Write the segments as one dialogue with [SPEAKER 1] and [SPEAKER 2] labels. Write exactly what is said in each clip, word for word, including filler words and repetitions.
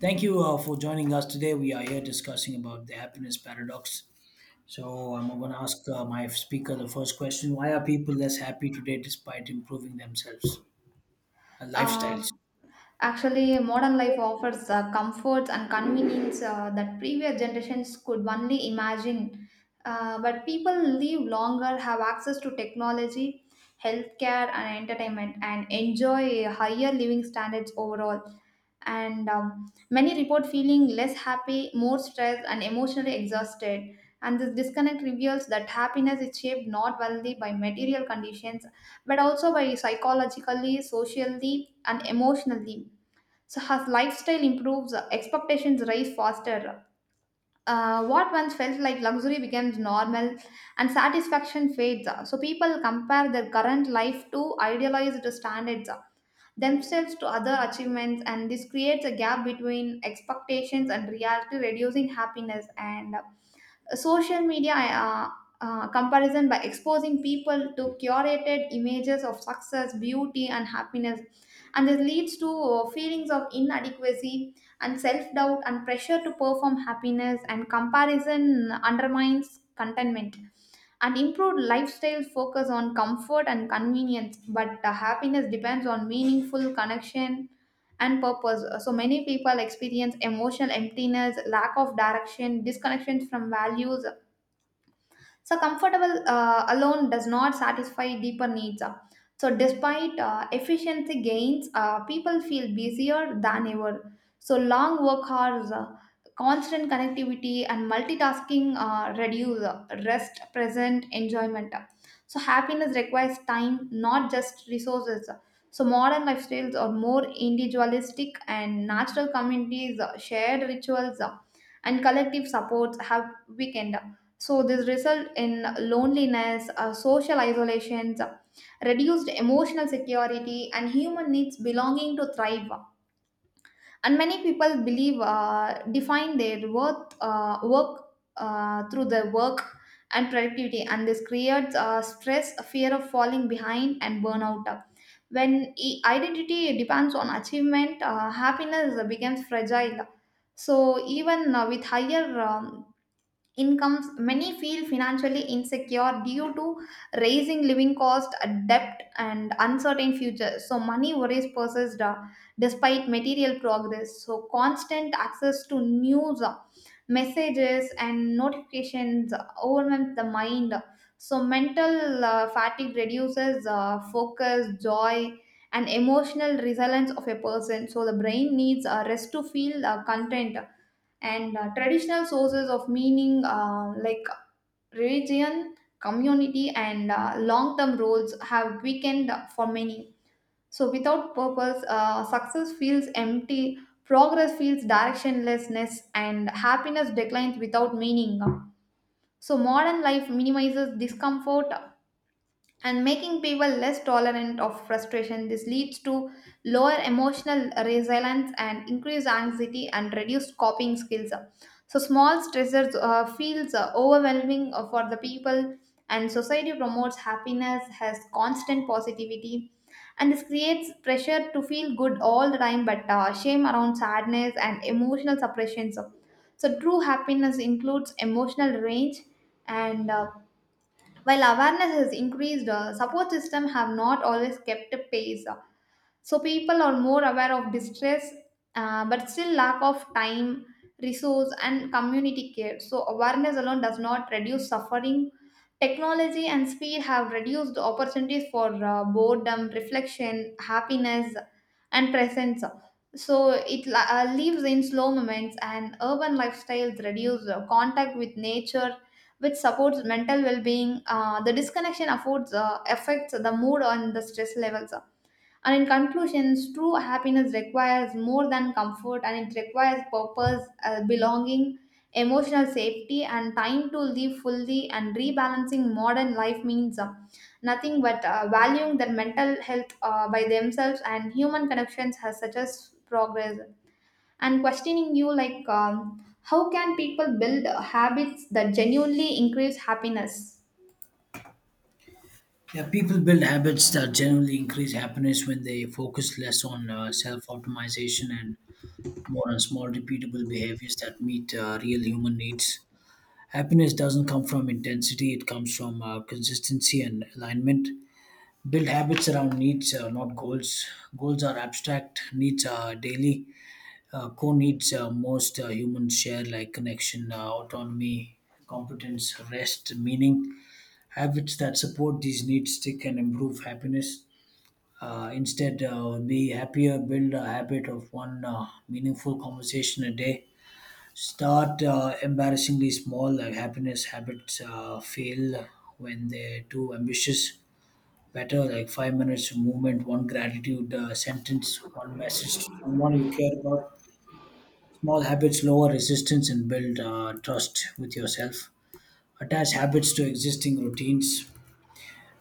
[SPEAKER 1] Thank you uh, for joining us today. We are here discussing about the happiness paradox. So I'm going to ask uh, my speaker the first question: Why are people less happy today despite improving themselves, uh, lifestyles?
[SPEAKER 2] Um, Actually, modern life offers uh, comforts and convenience uh, that previous generations could only imagine. Uh, but people live longer, have access to technology, healthcare, and entertainment, and enjoy higher living standards overall, and um, many report feeling less happy, more stressed, and emotionally exhausted. And this disconnect reveals that happiness is shaped not only by material conditions, but also by psychologically, socially, and emotionally. So as lifestyle improves, expectations rise faster. Uh, what once felt like luxury becomes normal and satisfaction fades. So people compare their current life to idealized standards, themselves to other achievements, and this creates a gap between expectations and reality, reducing happiness. And uh, social media uh, uh, comparison by exposing people to curated images of success, beauty, and happiness. And this leads to uh, feelings of inadequacy and self-doubt and pressure to perform happiness, and comparison undermines contentment. And improved lifestyles focus on comfort and convenience, but the happiness depends on meaningful connection and purpose. So many people experience emotional emptiness, lack of direction, disconnection from values. So comfortable uh, alone does not satisfy deeper needs. So, despite uh, efficiency gains, uh, people feel busier than ever. So, long work hours, uh, constant connectivity, and multitasking uh, reduce uh, rest, present, enjoyment. So, happiness requires time, not just resources. So, modern lifestyles are more individualistic, and natural communities, uh, shared rituals, uh, and collective supports have weakened. So this result in loneliness, uh, social isolations, reduced emotional security, and human needs belonging to thrive. And many people believe uh, define their worth uh, work uh, through their work and productivity, and this creates uh, stress, a fear of falling behind, and burnout. When i- identity depends on achievement, uh, happiness becomes fragile. So even uh, with higher um, incomes, many feel financially insecure due to rising living cost, uh, debt, and uncertain future. So money worries persist, uh, despite material progress. So constant access to news, uh, messages, and notifications uh, overwhelms the mind. So mental uh, fatigue reduces uh, focus, joy, and emotional resilience of a person. So the brain needs a rest to feel uh, content. And uh, traditional sources of meaning, uh, like religion, community, and uh, long-term roles have weakened for many. So without purpose, uh, success feels empty, progress feels directionlessness, and happiness declines without meaning. So modern life minimizes discomfort and making people less tolerant of frustration. This leads to lower emotional resilience and increased anxiety and reduced coping skills. So small stressors uh, feels uh, overwhelming uh, for the people, and society promotes happiness has constant positivity, and this creates pressure to feel good all the time, but uh, shame around sadness and emotional suppression. So, so true happiness includes emotional range. And uh, While awareness has increased, uh, support system have not always kept pace. Uh, so people are more aware of distress, uh, but still lack of time, resource, and community care. So awareness alone does not reduce suffering. Technology and speed have reduced opportunities for uh, boredom, reflection, happiness, and presence. So it la- uh, lives in slow moments, and urban lifestyles reduce uh, contact with nature, which supports mental well-being. Uh, the disconnection affords uh, affects the mood and the stress levels. And in conclusions, true happiness requires more than comfort, and it requires purpose, uh, belonging, emotional safety, and time to live fully. And rebalancing modern life means uh, nothing but uh, valuing their mental health uh, by themselves and human connections has such as progress. And questioning you, like, um, how can people build habits that genuinely increase happiness?
[SPEAKER 1] Yeah, people build habits that generally increase happiness when they focus less on uh, self-optimization and more on small, repeatable behaviors that meet uh, real human needs. Happiness doesn't come from intensity; it comes from uh, consistency and alignment. Build habits around needs, uh, not goals. Goals are abstract, needs are daily. Uh, core needs uh, most uh, humans share, like connection, uh, autonomy, competence, rest, meaning. Habits that support these needs stick and improve happiness. Uh, instead, uh, be happier, build a habit of one uh, meaningful conversation a day. Start uh, embarrassingly small, like happiness habits uh, fail when they're too ambitious. Better like five minutes of movement, one gratitude uh, sentence, one message to someone you care about. Small habits lower resistance and build uh, trust with yourself. Attach habits to existing routines.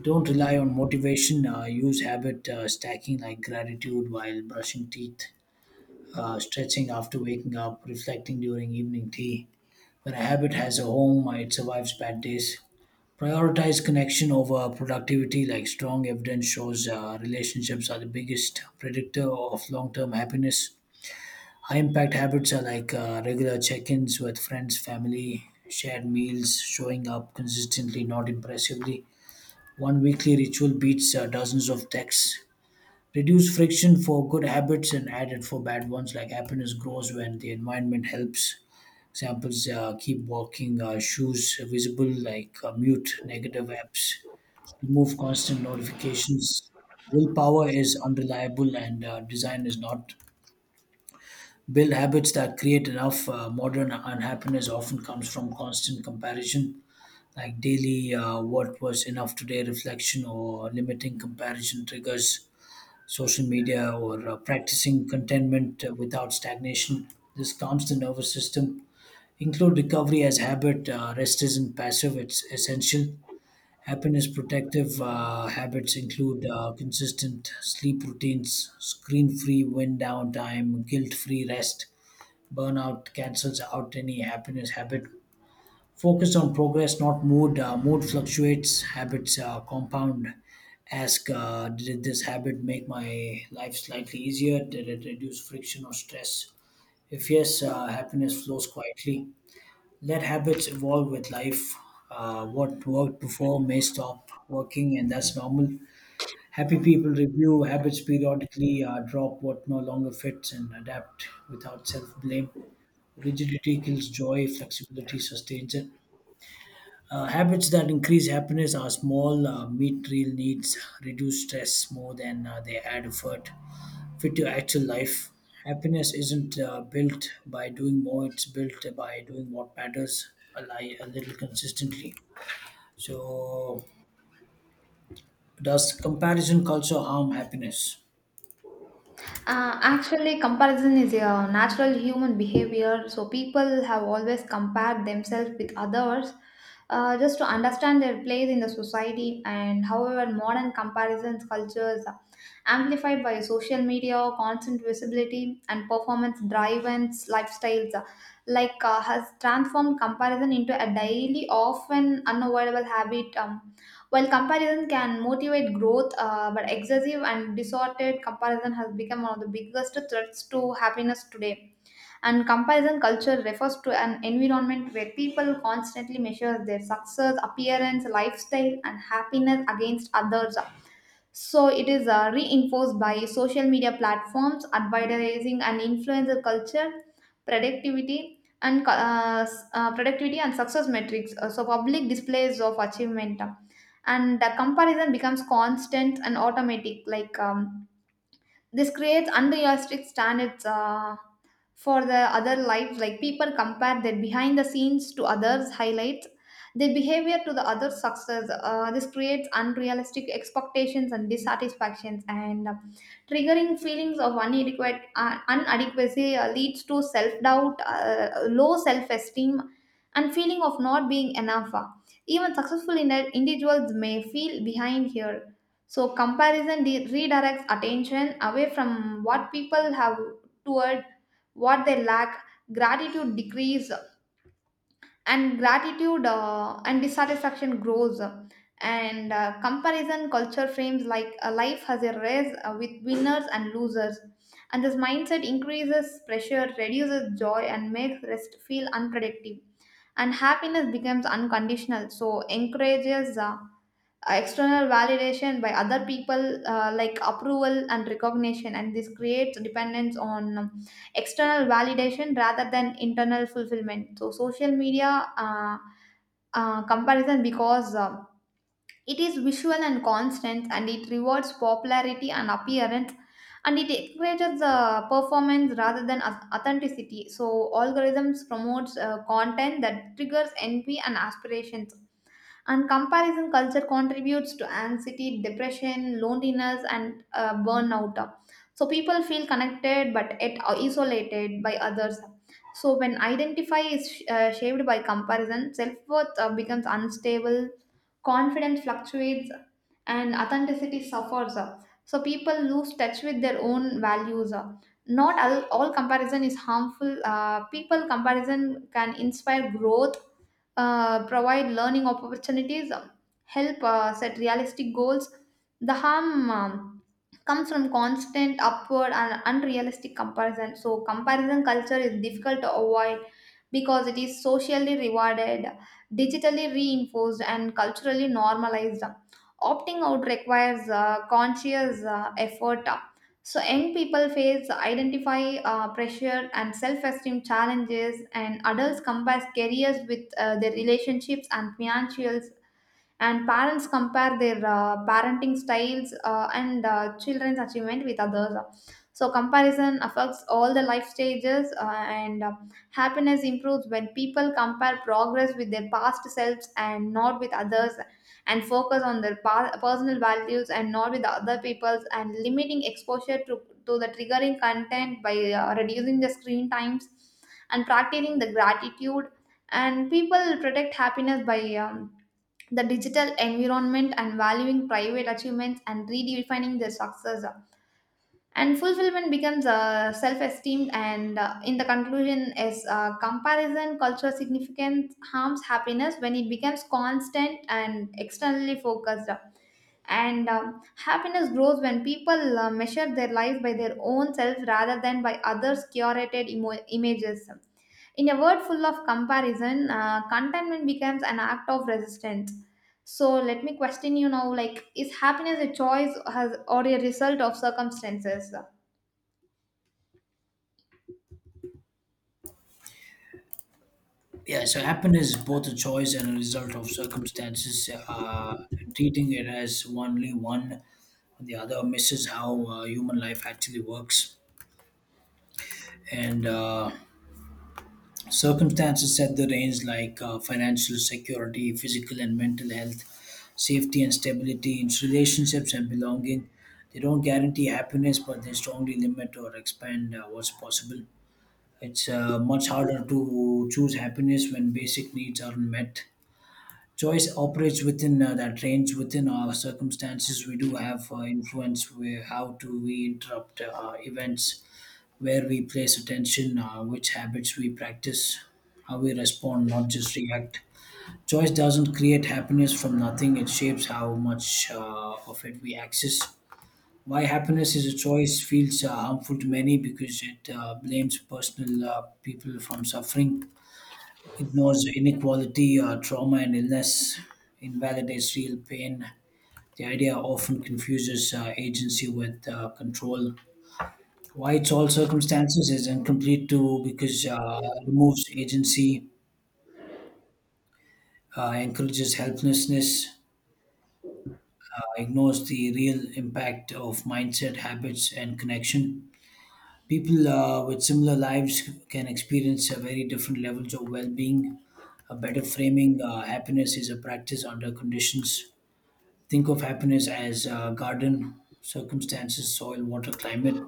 [SPEAKER 1] Don't rely on motivation. Uh, Use habit uh, stacking, like gratitude while brushing teeth, uh, stretching after waking up, reflecting during evening tea. When a habit has a home, uh, it survives bad days. Prioritize connection over productivity, like strong evidence shows uh, relationships are the biggest predictor of long term happiness. High impact habits are like uh, regular check ins with friends, family, shared meals, showing up consistently, not impressively. One weekly ritual beats uh, dozens of texts. Reduce friction for good habits and add it for bad ones, like happiness grows when the environment helps. Examples, uh, keep walking, uh, shoes visible, like uh, mute negative apps, remove constant notifications. Willpower is unreliable, and uh, design is not. Build habits that create enough. Uh, modern unhappiness often comes from constant comparison, like daily uh, what was enough today reflection, or limiting comparison triggers, social media, or uh, practicing contentment uh, without stagnation. This calms the nervous system. Include recovery as habit. Uh, rest isn't passive, it's essential. Happiness protective uh, habits include uh, consistent sleep routines, screen free wind down time, guilt free rest. Burnout cancels out any happiness habit. Focus on progress, not mood. Uh, mood fluctuates, habits uh, compound. Ask, uh, did this habit make my life slightly easier? Did it reduce friction or stress? If yes, uh, happiness flows quietly. Let habits evolve with life. Uh, what worked before may stop working, and that's normal. Happy people review habits periodically, uh, drop what no longer fits, and adapt without self blame. Rigidity kills joy, flexibility sustains it. Uh, habits that increase happiness are small, uh, meet real needs, reduce stress more than uh, they add effort, fit to actual life. Happiness isn't uh, built by doing more, it's built by doing what matters a, li- a little consistently. So, does comparison culture harm happiness?
[SPEAKER 2] Uh, actually, comparison is a natural human behavior. So people have always compared themselves with others, uh, just to understand their place in the society. And however, modern comparisons cultures amplified by social media, constant visibility, and performance-driven lifestyles, uh, like uh, has transformed comparison into a daily, often unavoidable habit. Um, while comparison can motivate growth, uh, but excessive and distorted comparison has become one of the biggest threats to happiness today. And comparison culture refers to an environment where people constantly measure their success, appearance, lifestyle, and happiness against others. So it is uh, reinforced by social media platforms, advertising, and influencer culture, productivity, and co- uh, s- uh, productivity and success metrics. Uh, so public displays of achievement, uh, and the comparison becomes constant and automatic. Like, um, this creates unrealistic standards. Uh, for the other lives, like people compare their behind the scenes to others highlights, their behavior to the other success. Uh, this creates unrealistic expectations and dissatisfactions, and uh, triggering feelings of inadequate uh, inadequacy uh, leads to self-doubt, uh, low self-esteem, and feeling of not being enough. Even successful indi- individuals may feel behind here. So comparison de- redirects attention away from what people have toward what they lack. Gratitude decrease and gratitude, uh, and dissatisfaction grows. And uh, comparison culture frames like a life has a race uh, with winners and losers, and this mindset increases pressure, reduces joy, and makes rest feel unproductive. And happiness becomes unconditional, so encourages uh, uh, external validation by other people, uh, like approval and recognition. And this creates dependence on um, external validation rather than internal fulfillment. So social media uh, uh, comparison, because uh, it is visual and constant, and it rewards popularity and appearance, and it encourages the performance rather than au- authenticity. So algorithms promotes uh, content that triggers envy and aspirations. And comparison culture contributes to anxiety, depression, loneliness, and uh, burnout. So people feel connected but yet isolated by others. So when identify is uh, shaped by comparison, self worth uh, becomes unstable, confidence fluctuates, and authenticity suffers. So people lose touch with their own values. Not all, all comparison is harmful. Uh, people comparison can inspire growth, uh, provide learning opportunities, um, help uh, set realistic goals. The harm um, comes from constant upward and unrealistic comparison. So, comparison culture is difficult to avoid because it is socially rewarded, digitally reinforced, and culturally normalized. Opting out requires uh, conscious uh, effort. So young people face identify uh, pressure and self esteem challenges, and adults compare careers with uh, their relationships and financials, and parents compare their uh, parenting styles, uh, and uh, children's achievement with others. So comparison affects all the life stages. Uh, and uh, Happiness improves when people compare progress with their past selves and not with others, and focus on their pa- personal values and not with other people's, and limiting exposure to, to the triggering content by uh, reducing the screen times and practicing the gratitude. And people protect happiness by um, the digital environment and valuing private achievements and redefining their success, and fulfillment becomes uh, self-esteem. And uh, in the conclusion is, uh, comparison cultural significance harms happiness when it becomes constant and externally focused. And um, happiness grows when people uh, measure their life by their own self rather than by others curated emo- images. In a world full of comparison, uh, contentment becomes an act of resistance. So let me question you now, like, is happiness a choice or has- or a result of circumstances?
[SPEAKER 1] Yeah, so happiness is both a choice and a result of circumstances. Uh, treating it as only one or the other misses how uh, human life actually works. And uh, Circumstances set the range, like uh, financial security, physical and mental health, safety and stability, its relationships and belonging. They don't guarantee happiness, but they strongly limit or expand uh, what's possible. It's uh, much harder to choose happiness when basic needs aren't met. Choice operates within uh, that range, within our circumstances. We do have uh, influence where how do we interrupt uh, events, where we place attention, uh, which habits we practice, how we respond, not just react. Choice doesn't create happiness from nothing, it shapes how much uh, of it we access. Why happiness is a choice feels uh, harmful to many because it uh, blames personal uh, people from suffering, ignores inequality, uh, trauma, and illness, invalidates real pain. The idea often confuses uh, agency with uh, control. Why it's all circumstances is incomplete too, because uh, removes agency, uh, encourages helplessness, uh, ignores the real impact of mindset, habits, and connection. People uh, with similar lives can experience uh, very different levels of well being. A better framing, uh, happiness is a practice under conditions. Think of happiness as a garden: circumstances, soil, water, climate.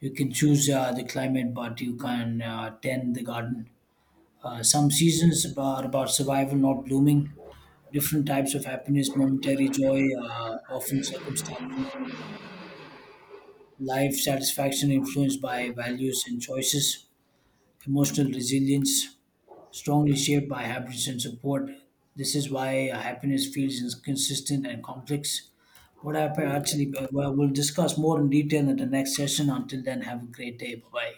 [SPEAKER 1] You can choose uh, the climate, but you can uh, tend the garden. Uh, some seasons are about survival, not blooming. Different types of happiness: momentary joy, uh, often circumstantial. Life satisfaction influenced by values and choices. Emotional resilience, strongly shaped by habits and support. This is why happiness feels inconsistent and complex. What happened actually, uh, well, we'll discuss more in detail in the next session. Until then, have a great day. Bye bye.